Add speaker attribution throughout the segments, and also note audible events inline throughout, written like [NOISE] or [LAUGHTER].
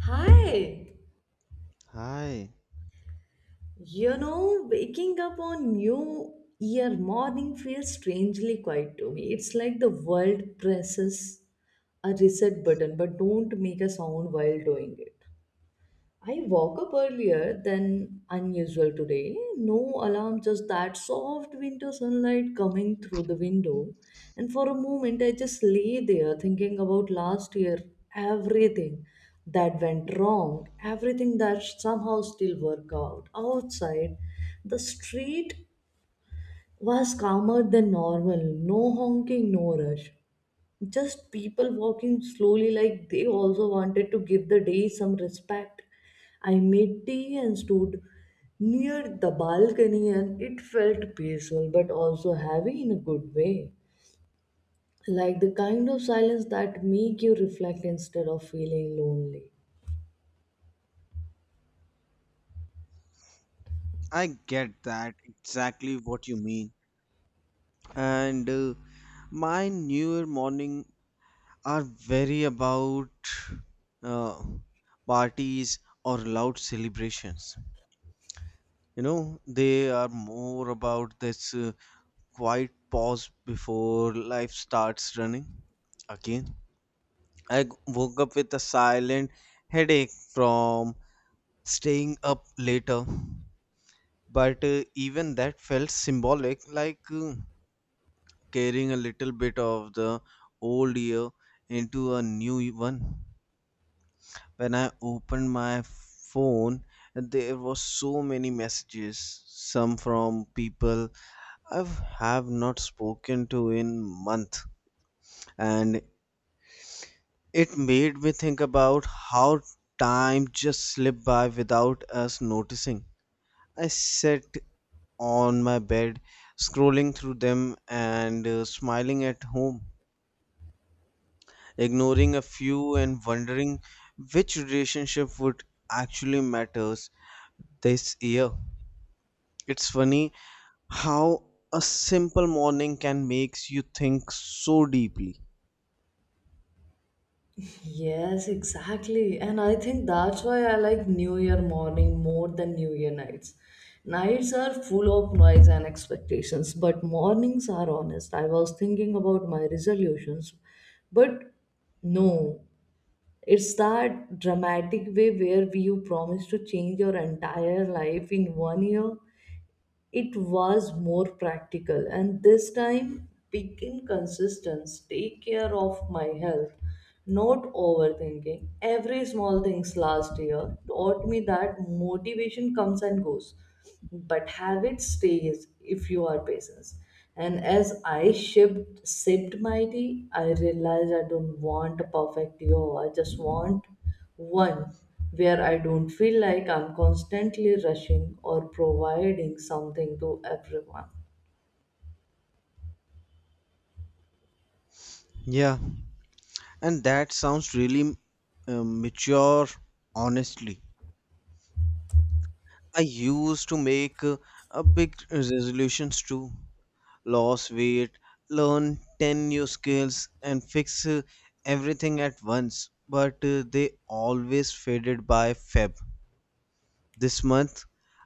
Speaker 1: Hi!
Speaker 2: Hi,
Speaker 1: You know, waking up on New Year morning feels strangely quiet to me. It's like the world presses a reset button but don't make a sound while doing it. I woke up earlier than unusual today. No alarm, just that soft winter sunlight coming through the window. And for a moment, I just lay there thinking about last year, everything that went wrong, everything that somehow still worked out. Outside, the street was calmer than normal, no honking, no rush, just people walking slowly like they also wanted to give the day some respect. I made tea and stood near the balcony, and it felt peaceful but also heavy in a good way, like the kind of silence that make you reflect instead of feeling lonely.
Speaker 2: I get that exactly what you mean. And my newer morning are very about uh, parties or loud celebrations. You know, they are more about this quiet pause before life starts running again. I woke up with a silent headache from staying up later, but even that felt symbolic, like, carrying a little bit of the old year into a new one. When I opened my phone, there were so many messages, some from people I have not spoken to in month, and it made me think about how time just slipped by without us noticing. I sat on my bed, scrolling through them and smiling at home ignoring a few and wondering which relationship would actually matters this year. It's funny how a simple morning can makes you think so deeply.
Speaker 1: Yes, exactly. And I think that's why I like New Year morning more than New Year nights. Nights are full of noise and expectations, but mornings are honest. I was thinking about my resolutions, but no, it's that dramatic way where you promise to change your entire life in one year. It was more practical, and this time begin consistence, take care of my health, not overthinking every small things. Last year taught me that motivation comes and goes, but habit stays if you are patient. And as I sipped my tea, I realized I don't want a perfect year, I just want one where I don't feel like I'm constantly rushing or providing something to everyone.
Speaker 2: Yeah, and that sounds really mature honestly. I used to make a big resolutions too loss weight, learn 10 new skills, and fix everything at once. But they always faded by Feb. This month,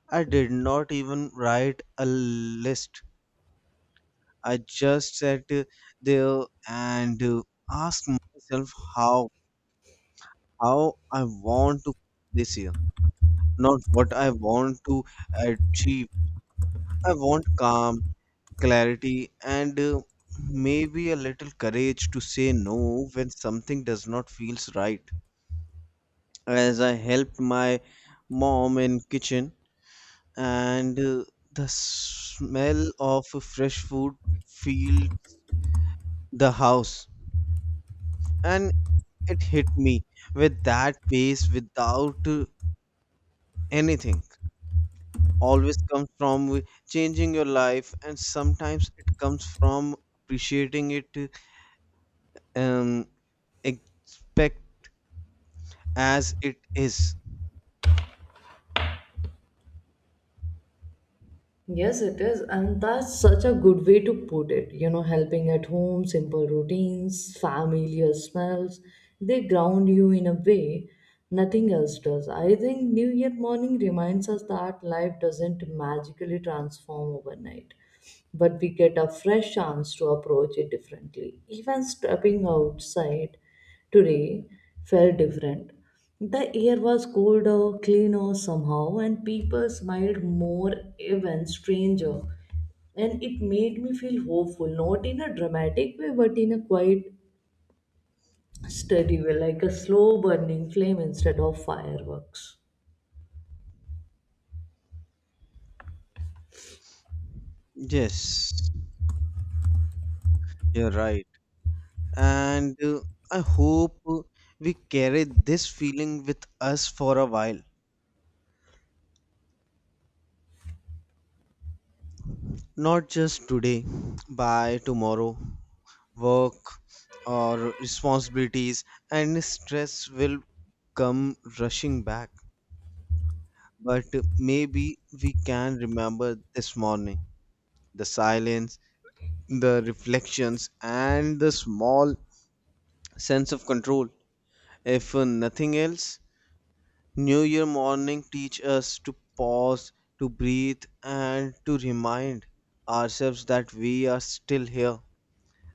Speaker 2: I did not even write a list. I just sat there and asked myself how I want to this year, not what I want to achieve. I want calm, clarity and maybe a little courage to say no when something does not feels right as I helped my mom in kitchen and the smell of fresh food filled the house and it hit me with that pace without anything always comes from changing your life and sometimes it comes from appreciating it um, expect as it is.
Speaker 1: Yes, it is, and that's such a good way to put it. You know, helping at home, simple routines, familiar smells, they ground you in a way nothing else does. I think New Year morning reminds us that life doesn't magically transform overnight, but we get a fresh chance to approach it differently. Even stepping outside today felt different. The air was colder, cleaner somehow, and people smiled more, even stranger. And it made me feel hopeful, not in a dramatic way, but in a quiet, steady way, like a slow burning flame instead of fireworks.
Speaker 2: Yes, you're right. And I hope we carry this feeling with us for a while. Not just today, by tomorrow, work or responsibilities and stress will come rushing back. But maybe we can remember this morning the silence, the reflections, and the small sense of control. If nothing else, New Year morning teach us to pause, to breathe, and to remind ourselves that we are still here,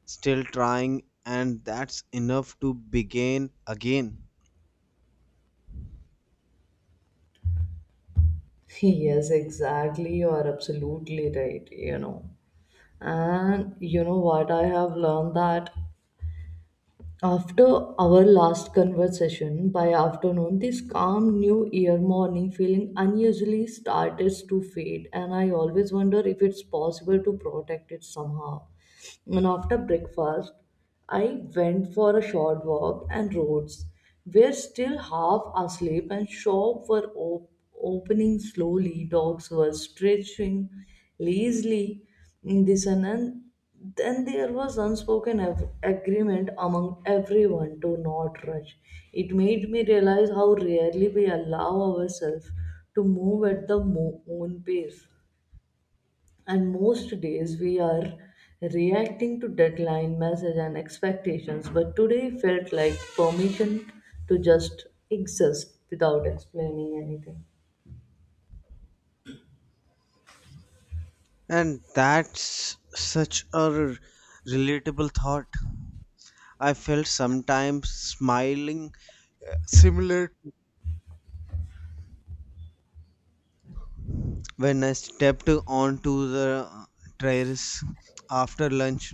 Speaker 2: still trying, and that's enough to begin again.
Speaker 1: [LAUGHS] Yes, exactly. You are absolutely right, you know. And you know what? I have learned that after our last conversation, by afternoon, this calm new year morning feeling unusually started to fade, and I always wonder if it's possible to protect it somehow. And after breakfast, I went for a short walk, and roads were still half asleep, and shops were opening slowly. Dogs were stretching lazily in the sun. Then there was unspoken agreement among everyone to not rush. It made me realize how rarely we allow ourselves to move at the own pace. And most days we are reacting to deadline, message, and expectations. But today felt like permission to just exist without explaining anything.
Speaker 2: And that's such a relatable thought. I felt sometimes smiling similar when I stepped onto the terrace after lunch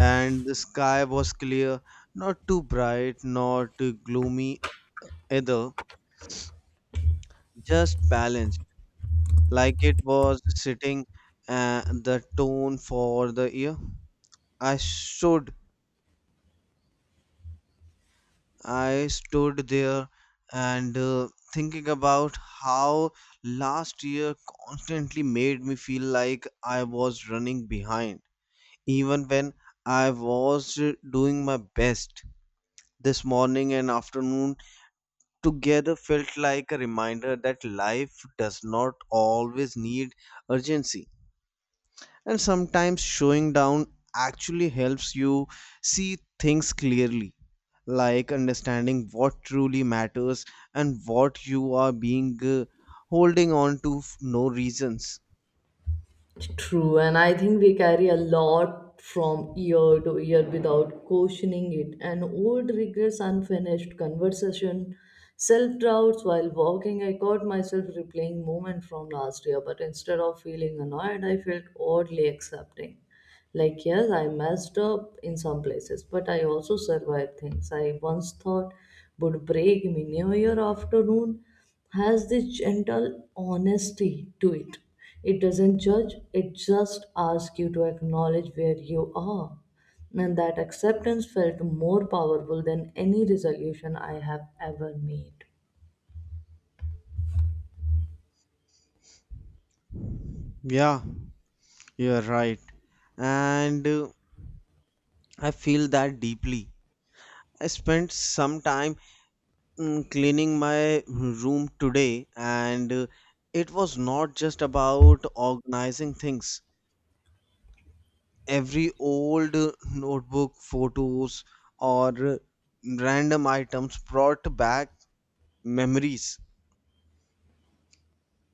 Speaker 2: and the sky was clear, not too bright, not too gloomy either, just balanced, like it was setting the tone for the year. I stood, I stood there and thinking about how last year constantly made me feel like I was running behind, even when I was doing my best. This morning and afternoon together felt like a reminder that life does not always need urgency. And sometimes showing down actually helps you see things clearly, like understanding what truly matters and what you are being holding on to no reasons.
Speaker 1: True, and I think we carry a lot from year to year without questioning it. And old regrets, unfinished conversation, self doubts while walking. I caught myself replaying moment from last year, but instead of feeling annoyed, I felt oddly accepting. Like, yes, I messed up in some places, but I also survived things I once thought would break me. New Year afternoon has this gentle honesty to it. It doesn't judge, it just asks you to acknowledge where you are. And that acceptance felt more powerful than any resolution I have ever made.
Speaker 2: Yeah, you're right. And I feel that deeply. I spent some time cleaning my room today and it was not just about organizing things every old notebook photos or random items brought back memories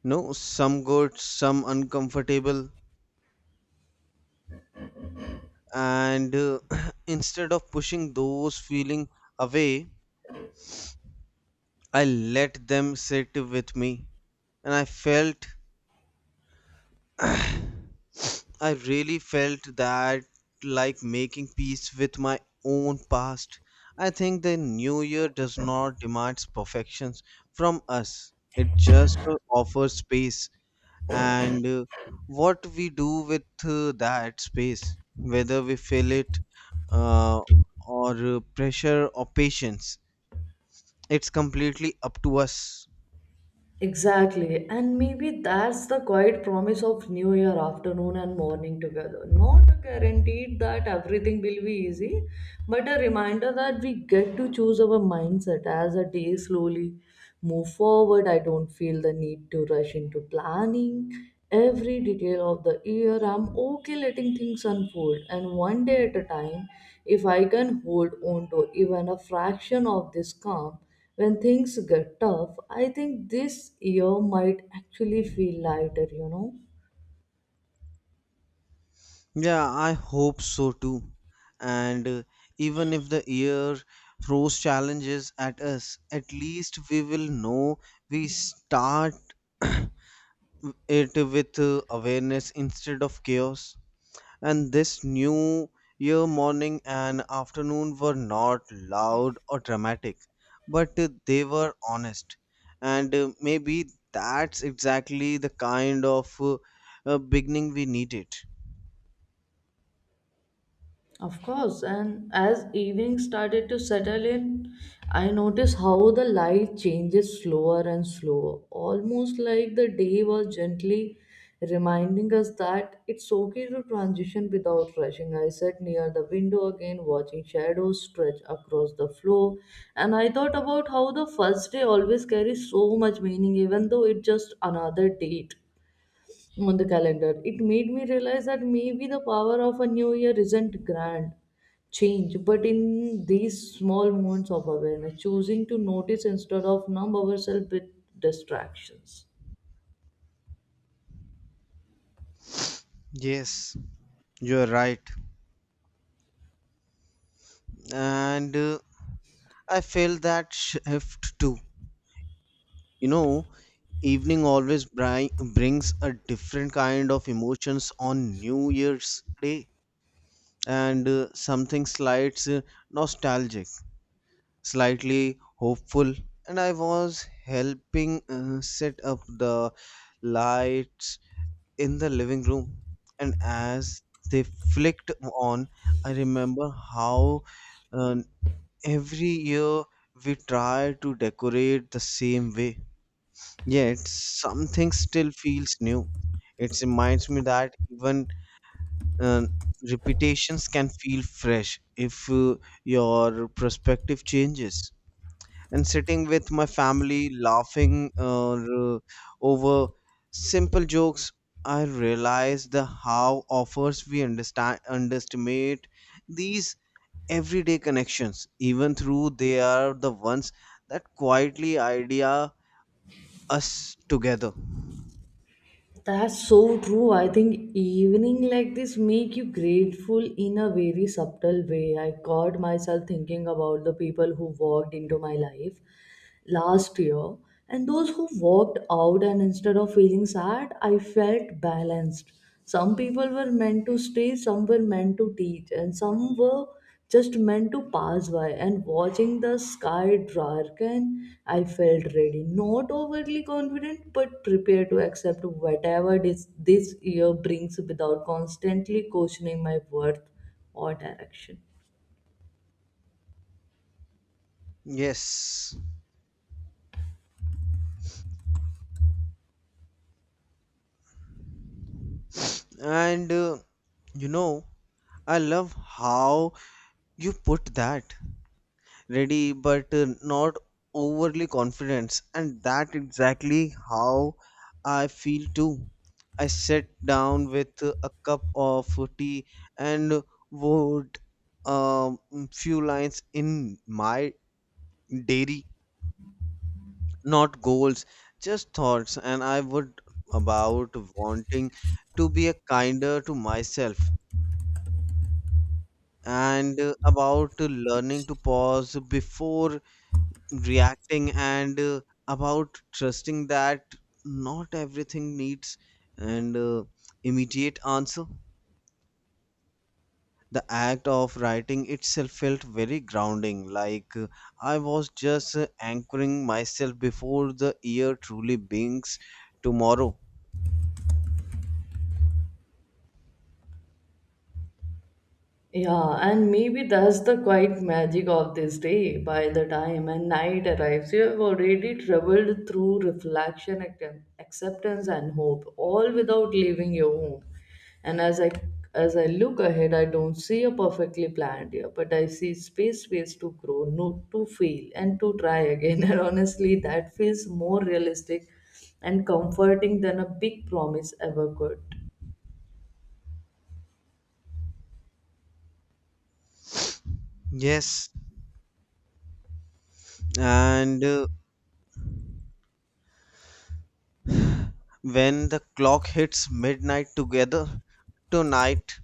Speaker 2: no some good some uncomfortable and [CLEARS THROAT] instead of pushing those feeling away I let them sit with me and I really felt that like making peace with my own past. I think the new year does not demand perfections from us. It just offers space and what we do with that space, whether we fill it uh, or pressure or patience, it's completely up to us.
Speaker 1: Exactly, and maybe that's the quiet promise of New Year afternoon and morning together. Not a guaranteed that everything will be easy, but a reminder that we get to choose our mindset as a day slowly move forward. I don't feel the need to rush into planning every detail of the year. I'm okay letting things unfold, and one day at a time, if I can hold on to even a fraction of this calm. When things get tough, I think this year might actually feel lighter, you know.
Speaker 2: Yeah, I hope so too. And even if the year throws challenges at us, at least we will know we start [COUGHS] [CLEARS THROAT] it with awareness instead of chaos. And this new year morning and afternoon were not loud or dramatic, but they were honest. And maybe that's exactly the kind of beginning we needed.
Speaker 1: Of course, and as evening started to settle in, I noticed how the light changes slower and slower, almost like the day was gently reminding us that it's okay to transition without rushing. I sat near the window again, watching shadows stretch across the floor, and I thought about how the first day always carries so much meaning, even though it's just another date on the calendar. It made me realize that maybe the power of a new year isn't grand change, but in these small moments of awareness, choosing to notice instead of numb ourselves with distractions.
Speaker 2: Yes. You're right. And I feel that shift too. You know, evening always brings a different kind of emotions on New Year's Day. And something slight nostalgic, slightly hopeful. And I was helping set up the lights in the living room. And as they flicked on, I remember how. Uh, Every year we try to decorate the same way, yet something still feels new. It reminds me that even uh, repetitions can feel fresh if your perspective changes. And sitting with my family laughing over simple jokes, I realize the how offers we understand underestimate these everyday connections even through they are the ones that quietly idea us together.
Speaker 1: That's so true. I think evening like this make you grateful in a very subtle way. I caught myself thinking about the people who walked into my life last year and those who walked out, and instead of feeling sad, I felt balanced. Some people were meant to stay, some were meant to teach, and some were just meant to pass by. And watching the sky darken, I felt ready, not overly confident but prepared to accept whatever this year brings without constantly questioning my worth or direction.
Speaker 2: Yes, and you know, I love how you put that ready but not overly confidence and that exactly how I feel too. I sit down with a cup of tea and wrote a few lines in my diary, not goals, just thoughts, and I would about wanting to be a kinder to myself and about learning to pause before reacting and about trusting that not everything needs an immediate answer. The act of writing itself felt very grounding, like I was just anchoring myself before the year truly brings tomorrow.
Speaker 1: Yeah, and maybe that's the quiet magic of this day. By the time and night arrives, you have already traveled through reflection, acceptance, and hope, all without leaving your home. And as I look ahead, I don't see a perfectly planned year, but I see space, space to grow, no, to fail, and to try again. [LAUGHS] And honestly, that feels more realistic and comforting than a big promise ever could.
Speaker 2: Yes, and when the clock hits midnight together tonight,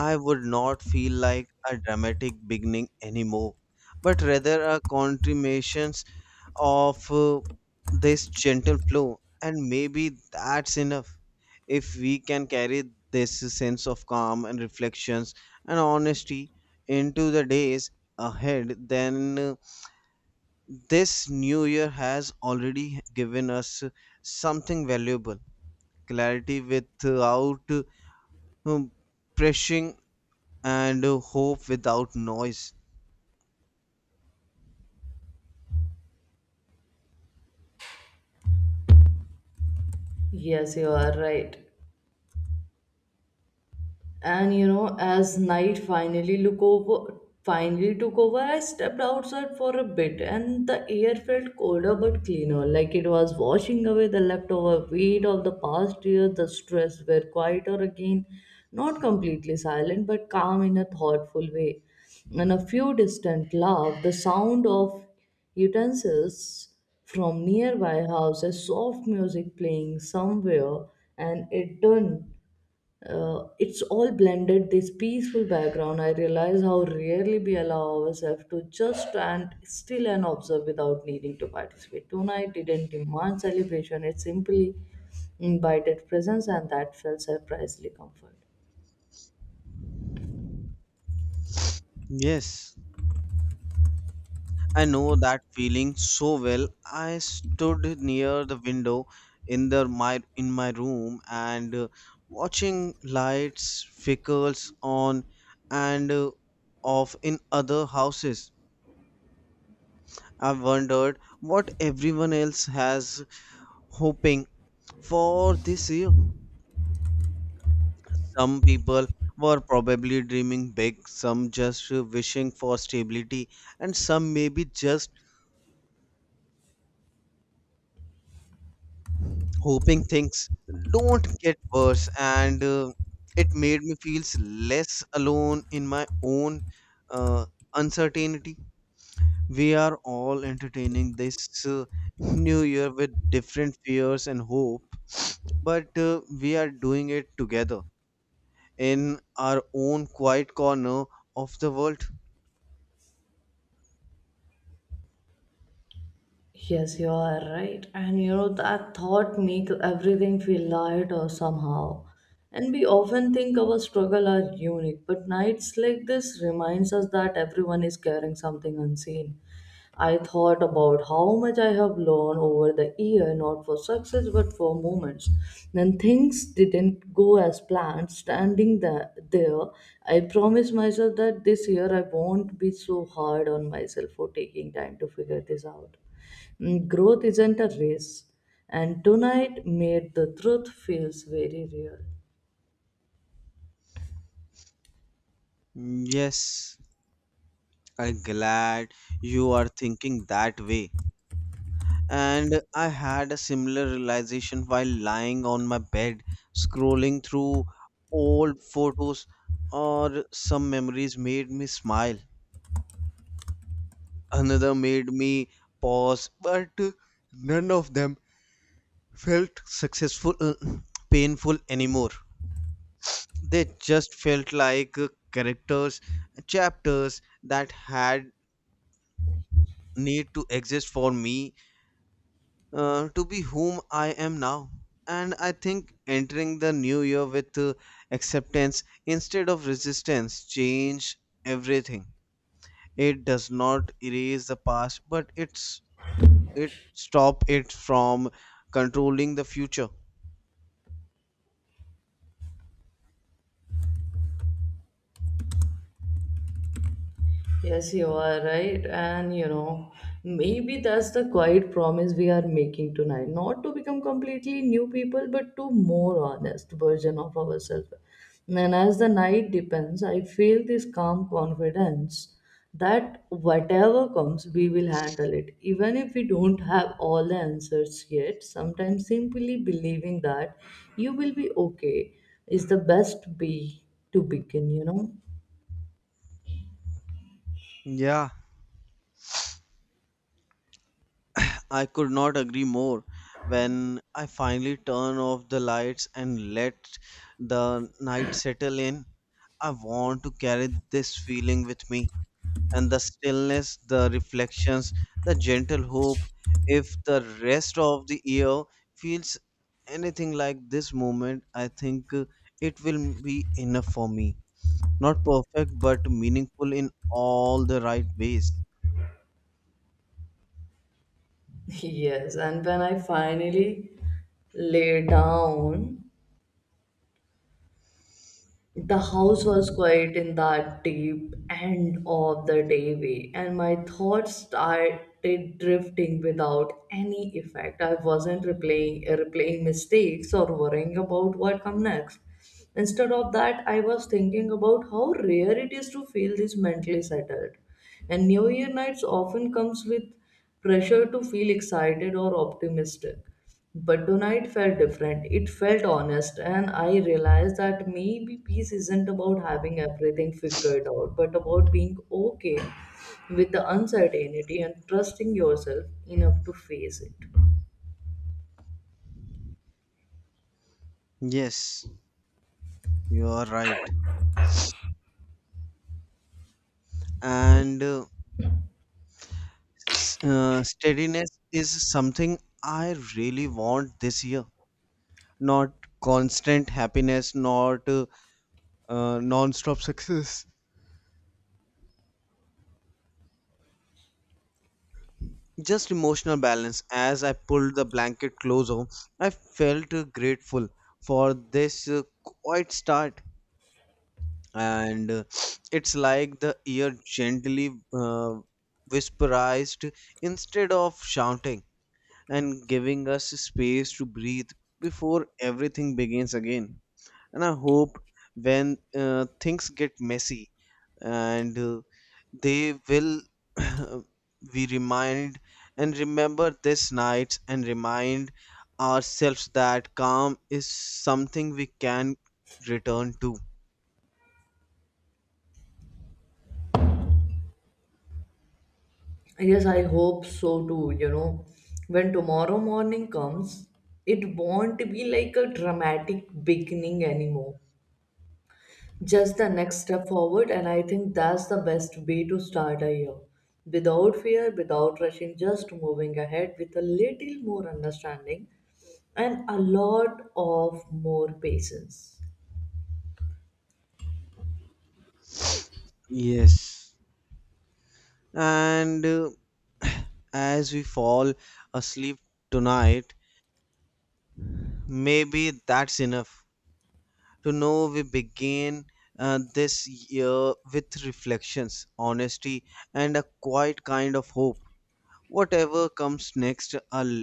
Speaker 2: I would not feel like a dramatic beginning anymore, but rather a continuation of this gentle flow. And maybe that's enough. If we can carry this sense of calm and reflections and honesty into the days ahead, then this new year has already given us something valuable, clarity without um, pressing, and hope without noise.
Speaker 1: Yes, you are right. And you know, as night finally took over, I stepped outside for a bit, and the air felt colder but cleaner, like it was washing away the leftover weight of the past year. The stress were quieter again, not completely silent, but calm in a thoughtful way. And a few distant laugh, the sound of utensils from nearby house, a soft music playing somewhere, and it's all blended this peaceful background. I realize how rarely we allow ourselves to just stand still and observe without needing to participate. Tonight didn't demand celebration, it simply invited presence, and that felt surprisingly comforting.
Speaker 2: Yes, I know that feeling so well. I stood near the window in my room and watching lights flickers on and off in other houses. I wondered what everyone else has hoping for this year. Some people were probably dreaming big, some just wishing for stability, and some maybe just hoping things don't get worse. And it made me feel less alone in my own uh, uncertainty. We are all entertaining this uh, new year with different fears and hope, but we are doing it together in our own quiet corner of the world.
Speaker 1: Yes, you are right. And you know, that thought makes everything feel lighter somehow. And we often think our struggle are unique, but nights like this reminds us that everyone is carrying something unseen. I thought about how much I have learned over the year, not for success but for moments. When things didn't go as planned, standing there, I promised myself that this year I won't be so hard on myself for taking time to figure this out. Mm, growth isn't a race, and tonight made the truth feels very real.
Speaker 2: Yes. I'm glad you are thinking that way. And I had a similar realization while lying on my bed, scrolling through old photos or some memories made me smile. Another made me pause, but none of them felt successful, painful anymore. They just felt like characters, chapters that had need to exist for me to be whom I am now. And I think entering the new year with acceptance instead of resistance change everything. It does not erase the past, but it stop it from controlling the future.
Speaker 1: Yes, you are right. And you know, maybe that's the quiet promise we are making tonight. Not to become completely new people, but to more honest version of ourselves. And as the night depends, I feel this calm confidence that whatever comes, we will handle it. Even if we don't have all the answers yet, sometimes simply believing that you will be okay is the best way to begin, you know.
Speaker 2: Yeah, I could not agree more. When I finally turn off the lights and let the night settle in, I want to carry this feeling with me and the stillness, the reflections, the gentle hope. If the rest of the year feels anything like this moment, I think it will be enough for me. Not perfect, but meaningful in all the right ways.
Speaker 1: Yes, and when I finally lay down, the house was quiet in that deep end of the day way, and my thoughts started drifting without any effect. I wasn't replaying, replaying mistakes or worrying about what come next. Instead of that, I was thinking about how rare it is to feel this mentally settled. And New Year nights often comes with pressure to feel excited or optimistic. But tonight felt different. It felt honest, and I realized that maybe peace isn't about having everything figured out, but about being okay with the uncertainty and trusting yourself enough to face it.
Speaker 2: Yes, you are right. And steadiness is something I really want this year. Not constant happiness, not non-stop [LAUGHS] success, just emotional balance. As I pulled the blanket closer, I felt grateful for this quiet start and it's like the ear gently whisperized instead of shouting and giving us space to breathe before everything begins again. And I hope when things get messy and they will [CLEARS THROAT] we remind and remember this night and remind ourselves that calm is something we can return to.
Speaker 1: Yes, I hope so too. You know, when tomorrow morning comes, it won't be like a dramatic beginning anymore. Just the next step forward, and I think that's the best way to start a year, without fear, without rushing, just moving ahead with a little more understanding and a lot of more patience.
Speaker 2: Yes, and [CLEARS THROAT] as we fall asleep tonight, maybe that's enough to know we begin this year with reflections, honesty and a quiet kind of hope. Whatever comes next, I'll,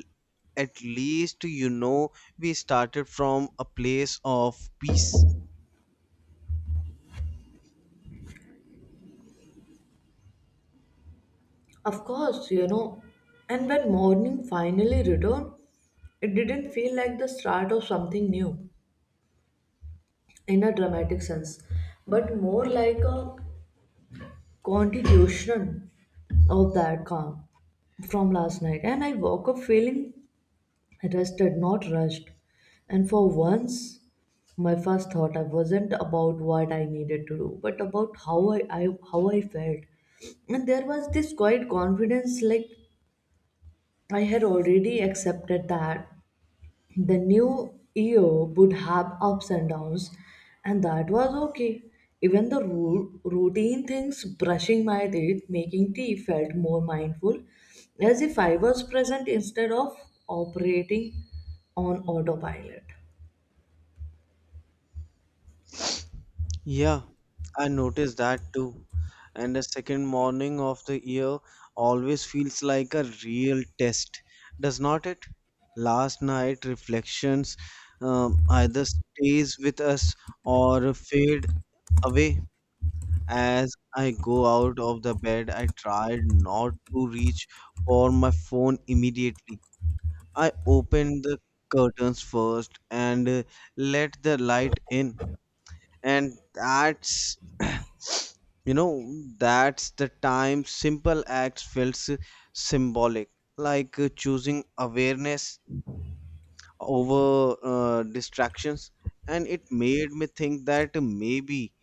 Speaker 2: at least you know, we started from a place of peace.
Speaker 1: Of course, you know. And when morning finally returned, it didn't feel like the start of something new in a dramatic sense, but more like a continuation of that calm from last night. And I woke up feeling rested, not rushed. And for once, my first thought I wasn't about what I needed to do, but about how I felt. And there was this quiet confidence, like I had already accepted that the new year would have ups and downs, and that was okay. Even the routine things, brushing my teeth, making tea, felt more mindful, as if I was present instead of operating on autopilot.
Speaker 2: Yeah, I noticed that too. And the second morning of the year always feels like a real test, does not it? Last night reflections either stays with us or fade away. As I go out of the bed, I tried not to reach for my phone immediately. I opened the curtains first and let the light in. And that's, [CLEARS THROAT] you know, that's the time simple acts felt symbolic, like choosing awareness over distractions. And it made me think that maybe,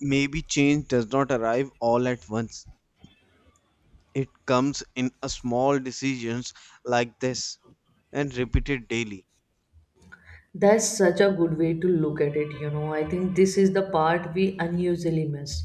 Speaker 2: maybe change does not arrive all at once. It comes in a small decisions like this and repeated daily.
Speaker 1: That's such a good way to look at it, you know. I think this is the part we unusually miss.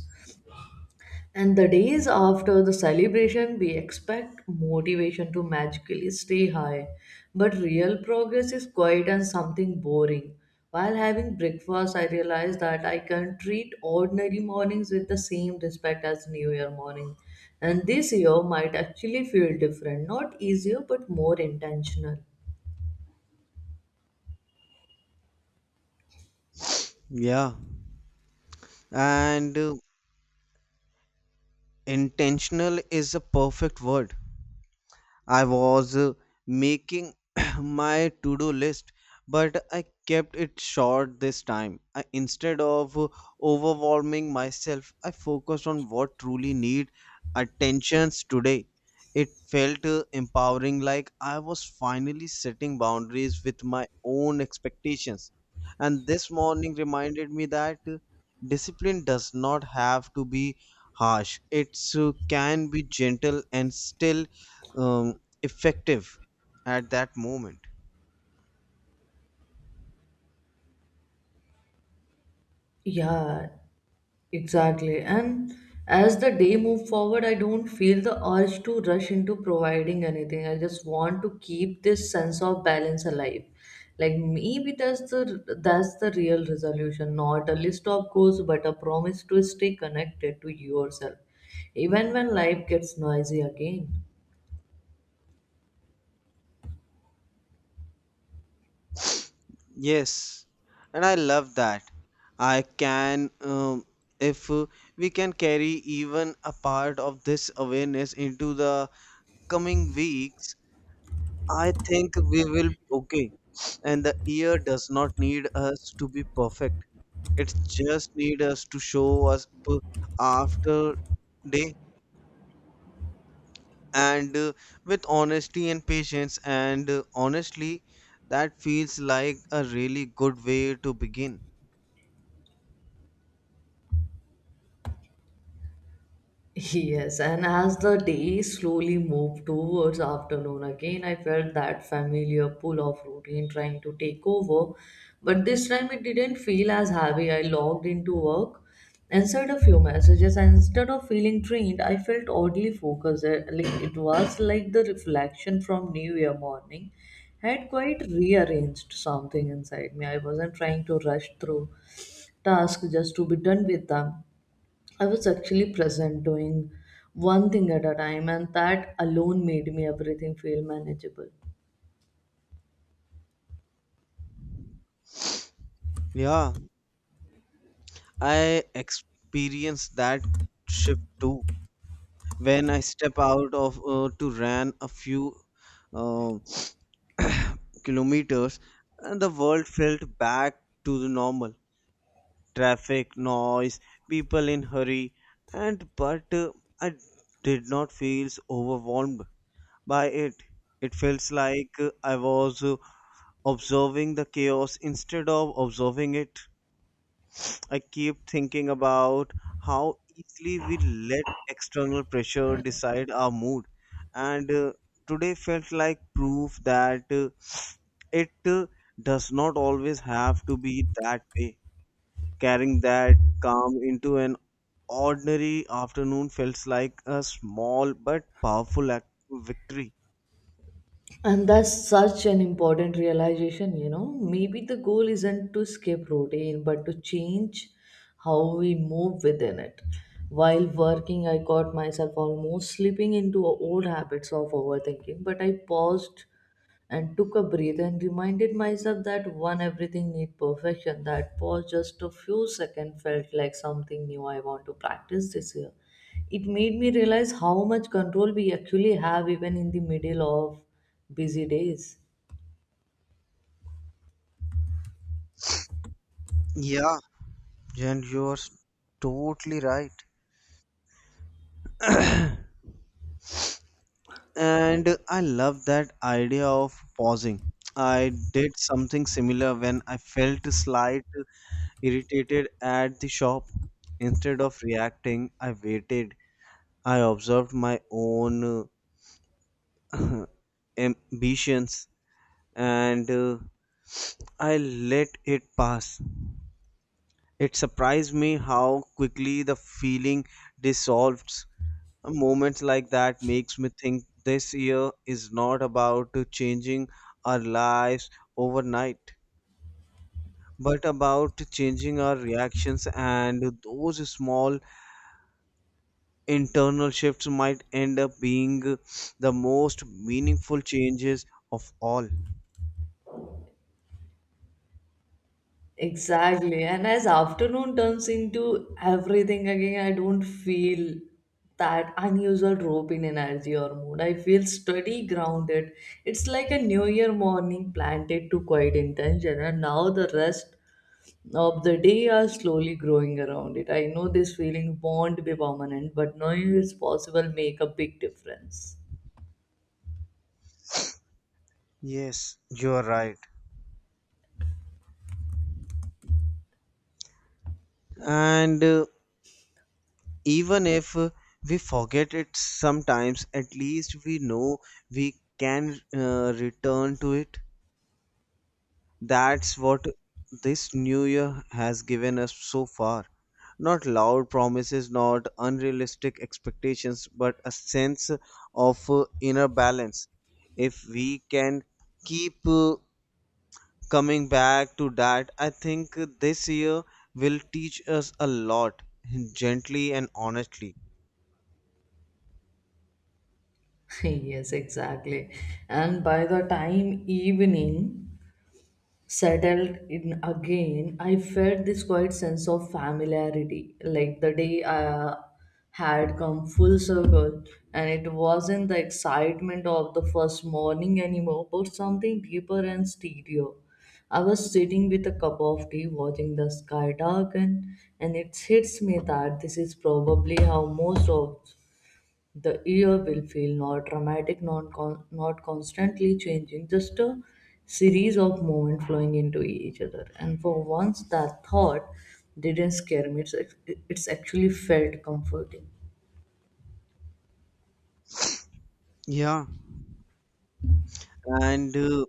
Speaker 1: And the days after the celebration, we expect motivation to magically stay high. But real progress is quiet and something boring. While having breakfast, I realized that I can treat ordinary mornings with the same respect as New Year morning. And this year might actually feel different, not easier, but more intentional.
Speaker 2: Yeah. And intentional is a perfect word. I was making [COUGHS] [CLEARS THROAT] my to do list, but I kept it short this time. I, instead of overwhelming myself, I focused on what truly need attentions today. It felt empowering, like I was finally setting boundaries with my own expectations. And this morning reminded me that discipline does not have to be harsh. It can be gentle and still um, effective at that moment.
Speaker 1: Yeah, exactly. And as the day move forward, I don't feel the urge to rush into providing anything. I just want to keep this sense of balance alive. Like maybe that's the real resolution, not a list of goals, but a promise to stay connected to yourself, even when life gets noisy again.
Speaker 2: Yes, and I love that. I can if we can carry even a part of this awareness into the coming weeks, I think we will be okay. And the year does not need us to be perfect, it just need us to show us after day and with honesty and patience and honestly that feels like a really good way to begin.
Speaker 1: Yes, and as the day slowly moved towards afternoon again, I felt that familiar pull of routine trying to take over. But this time it didn't feel as heavy. I logged into work, answered a few messages, and instead of feeling drained, I felt oddly focused. Like it was like the reflection from New Year morning had quite rearranged something inside me. I wasn't trying to rush through tasks just to be done with them. I was actually present doing one thing at a time, and that alone made me everything feel manageable.
Speaker 2: Yeah, I experienced that shift too when I step out of to run a few uh, [COUGHS] [CLEARS THROAT] kilometers and the world felt back to the normal, traffic noise, people in hurry and but I did not feel overwhelmed by it. It feels like I was observing the chaos instead of observing it. I keep thinking about how easily we let external pressure decide our mood, and today felt like proof that it does not always have to be that way. Carrying that calm into an ordinary afternoon feels like a small but powerful act of victory.
Speaker 1: And that's such an important realization, you know. Maybe the goal isn't to escape routine, but to change how we move within it. While working, I caught myself almost slipping into old habits of overthinking, but I paused and took a breath and reminded myself that one everything need perfection. That pause just a few seconds felt like something new. I want to practice this year. It made me realize how much control we actually have even in the middle of busy days.
Speaker 2: Yeah, and you're totally right. And I love that idea of pausing. I did something similar when I felt slight irritated at the shop. Instead of reacting, I waited. I observed my own uh, [CLEARS THROAT] ambitions and I let it pass. It surprised me how quickly the feeling dissolved. A moment like that makes me think this year is not about changing our lives overnight, but about changing our reactions, and those small internal shifts might end up being the most meaningful changes of all.
Speaker 1: Exactly. And as afternoon turns into everything again, I don't feel that unusual drop in energy or mood. I feel steady, grounded. It's like a new year morning planted to quiet intention, and now the rest of the day are slowly growing around it. I know this feeling won't be permanent, but knowing it's possible make a big difference.
Speaker 2: Yes, you are right. And even if we forget it sometimes, at least we know we can return to it. That's what this new year has given us so far. Not loud promises, not unrealistic expectations, but a sense of inner balance. If we can keep coming back to that, I think this year will teach us a lot, gently and honestly.
Speaker 1: [LAUGHS] Yes, exactly. And by the time evening settled in again, I felt this quiet sense of familiarity. Like the day had come full circle, and it wasn't the excitement of the first morning anymore, but something deeper and steadier. I was sitting with a cup of tea, watching the sky darken, and it hits me that this is probably how most of the ear will feel, not dramatic, not constantly changing, just a series of movement flowing into each other. And for once, that thought didn't scare me. It's it's actually felt comforting.
Speaker 2: Yeah. And uh,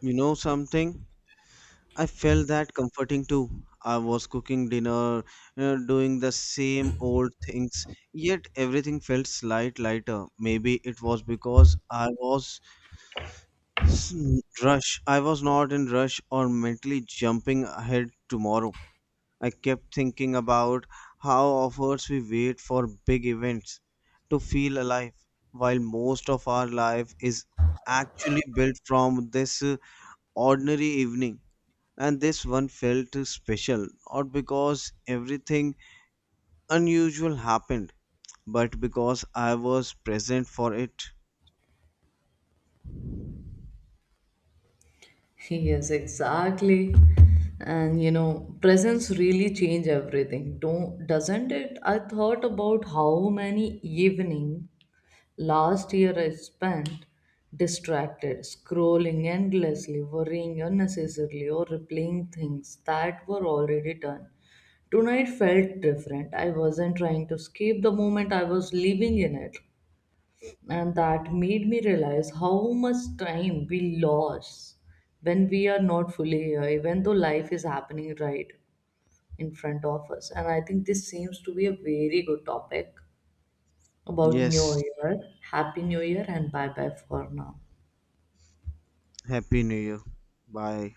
Speaker 2: you know something? I felt that comforting too. I was cooking dinner, doing the same old things, yet everything felt slight lighter. Maybe it was because I was s- not in rush or mentally jumping ahead tomorrow. I kept thinking about how offers we wait for big events to feel alive, while most of our life is actually built from this ordinary evening, and this one felt special, not because everything unusual happened, but because I was present for it.
Speaker 1: [LAUGHS] Yes, exactly. And you know, presence really change everything, don't doesn't it? I thought about how many evening last year I spent distracted, scrolling endlessly, worrying unnecessarily, or replaying things that were already done. Tonight felt different. I wasn't trying to escape the moment, I was living in it. And that made me realize how much time we lose when we are not fully here, even though life is happening right in front of us. And I think this seems to be a very good topic about New
Speaker 2: Yes,
Speaker 1: Year. Happy New Year and bye bye for now.
Speaker 2: happy new year, bye.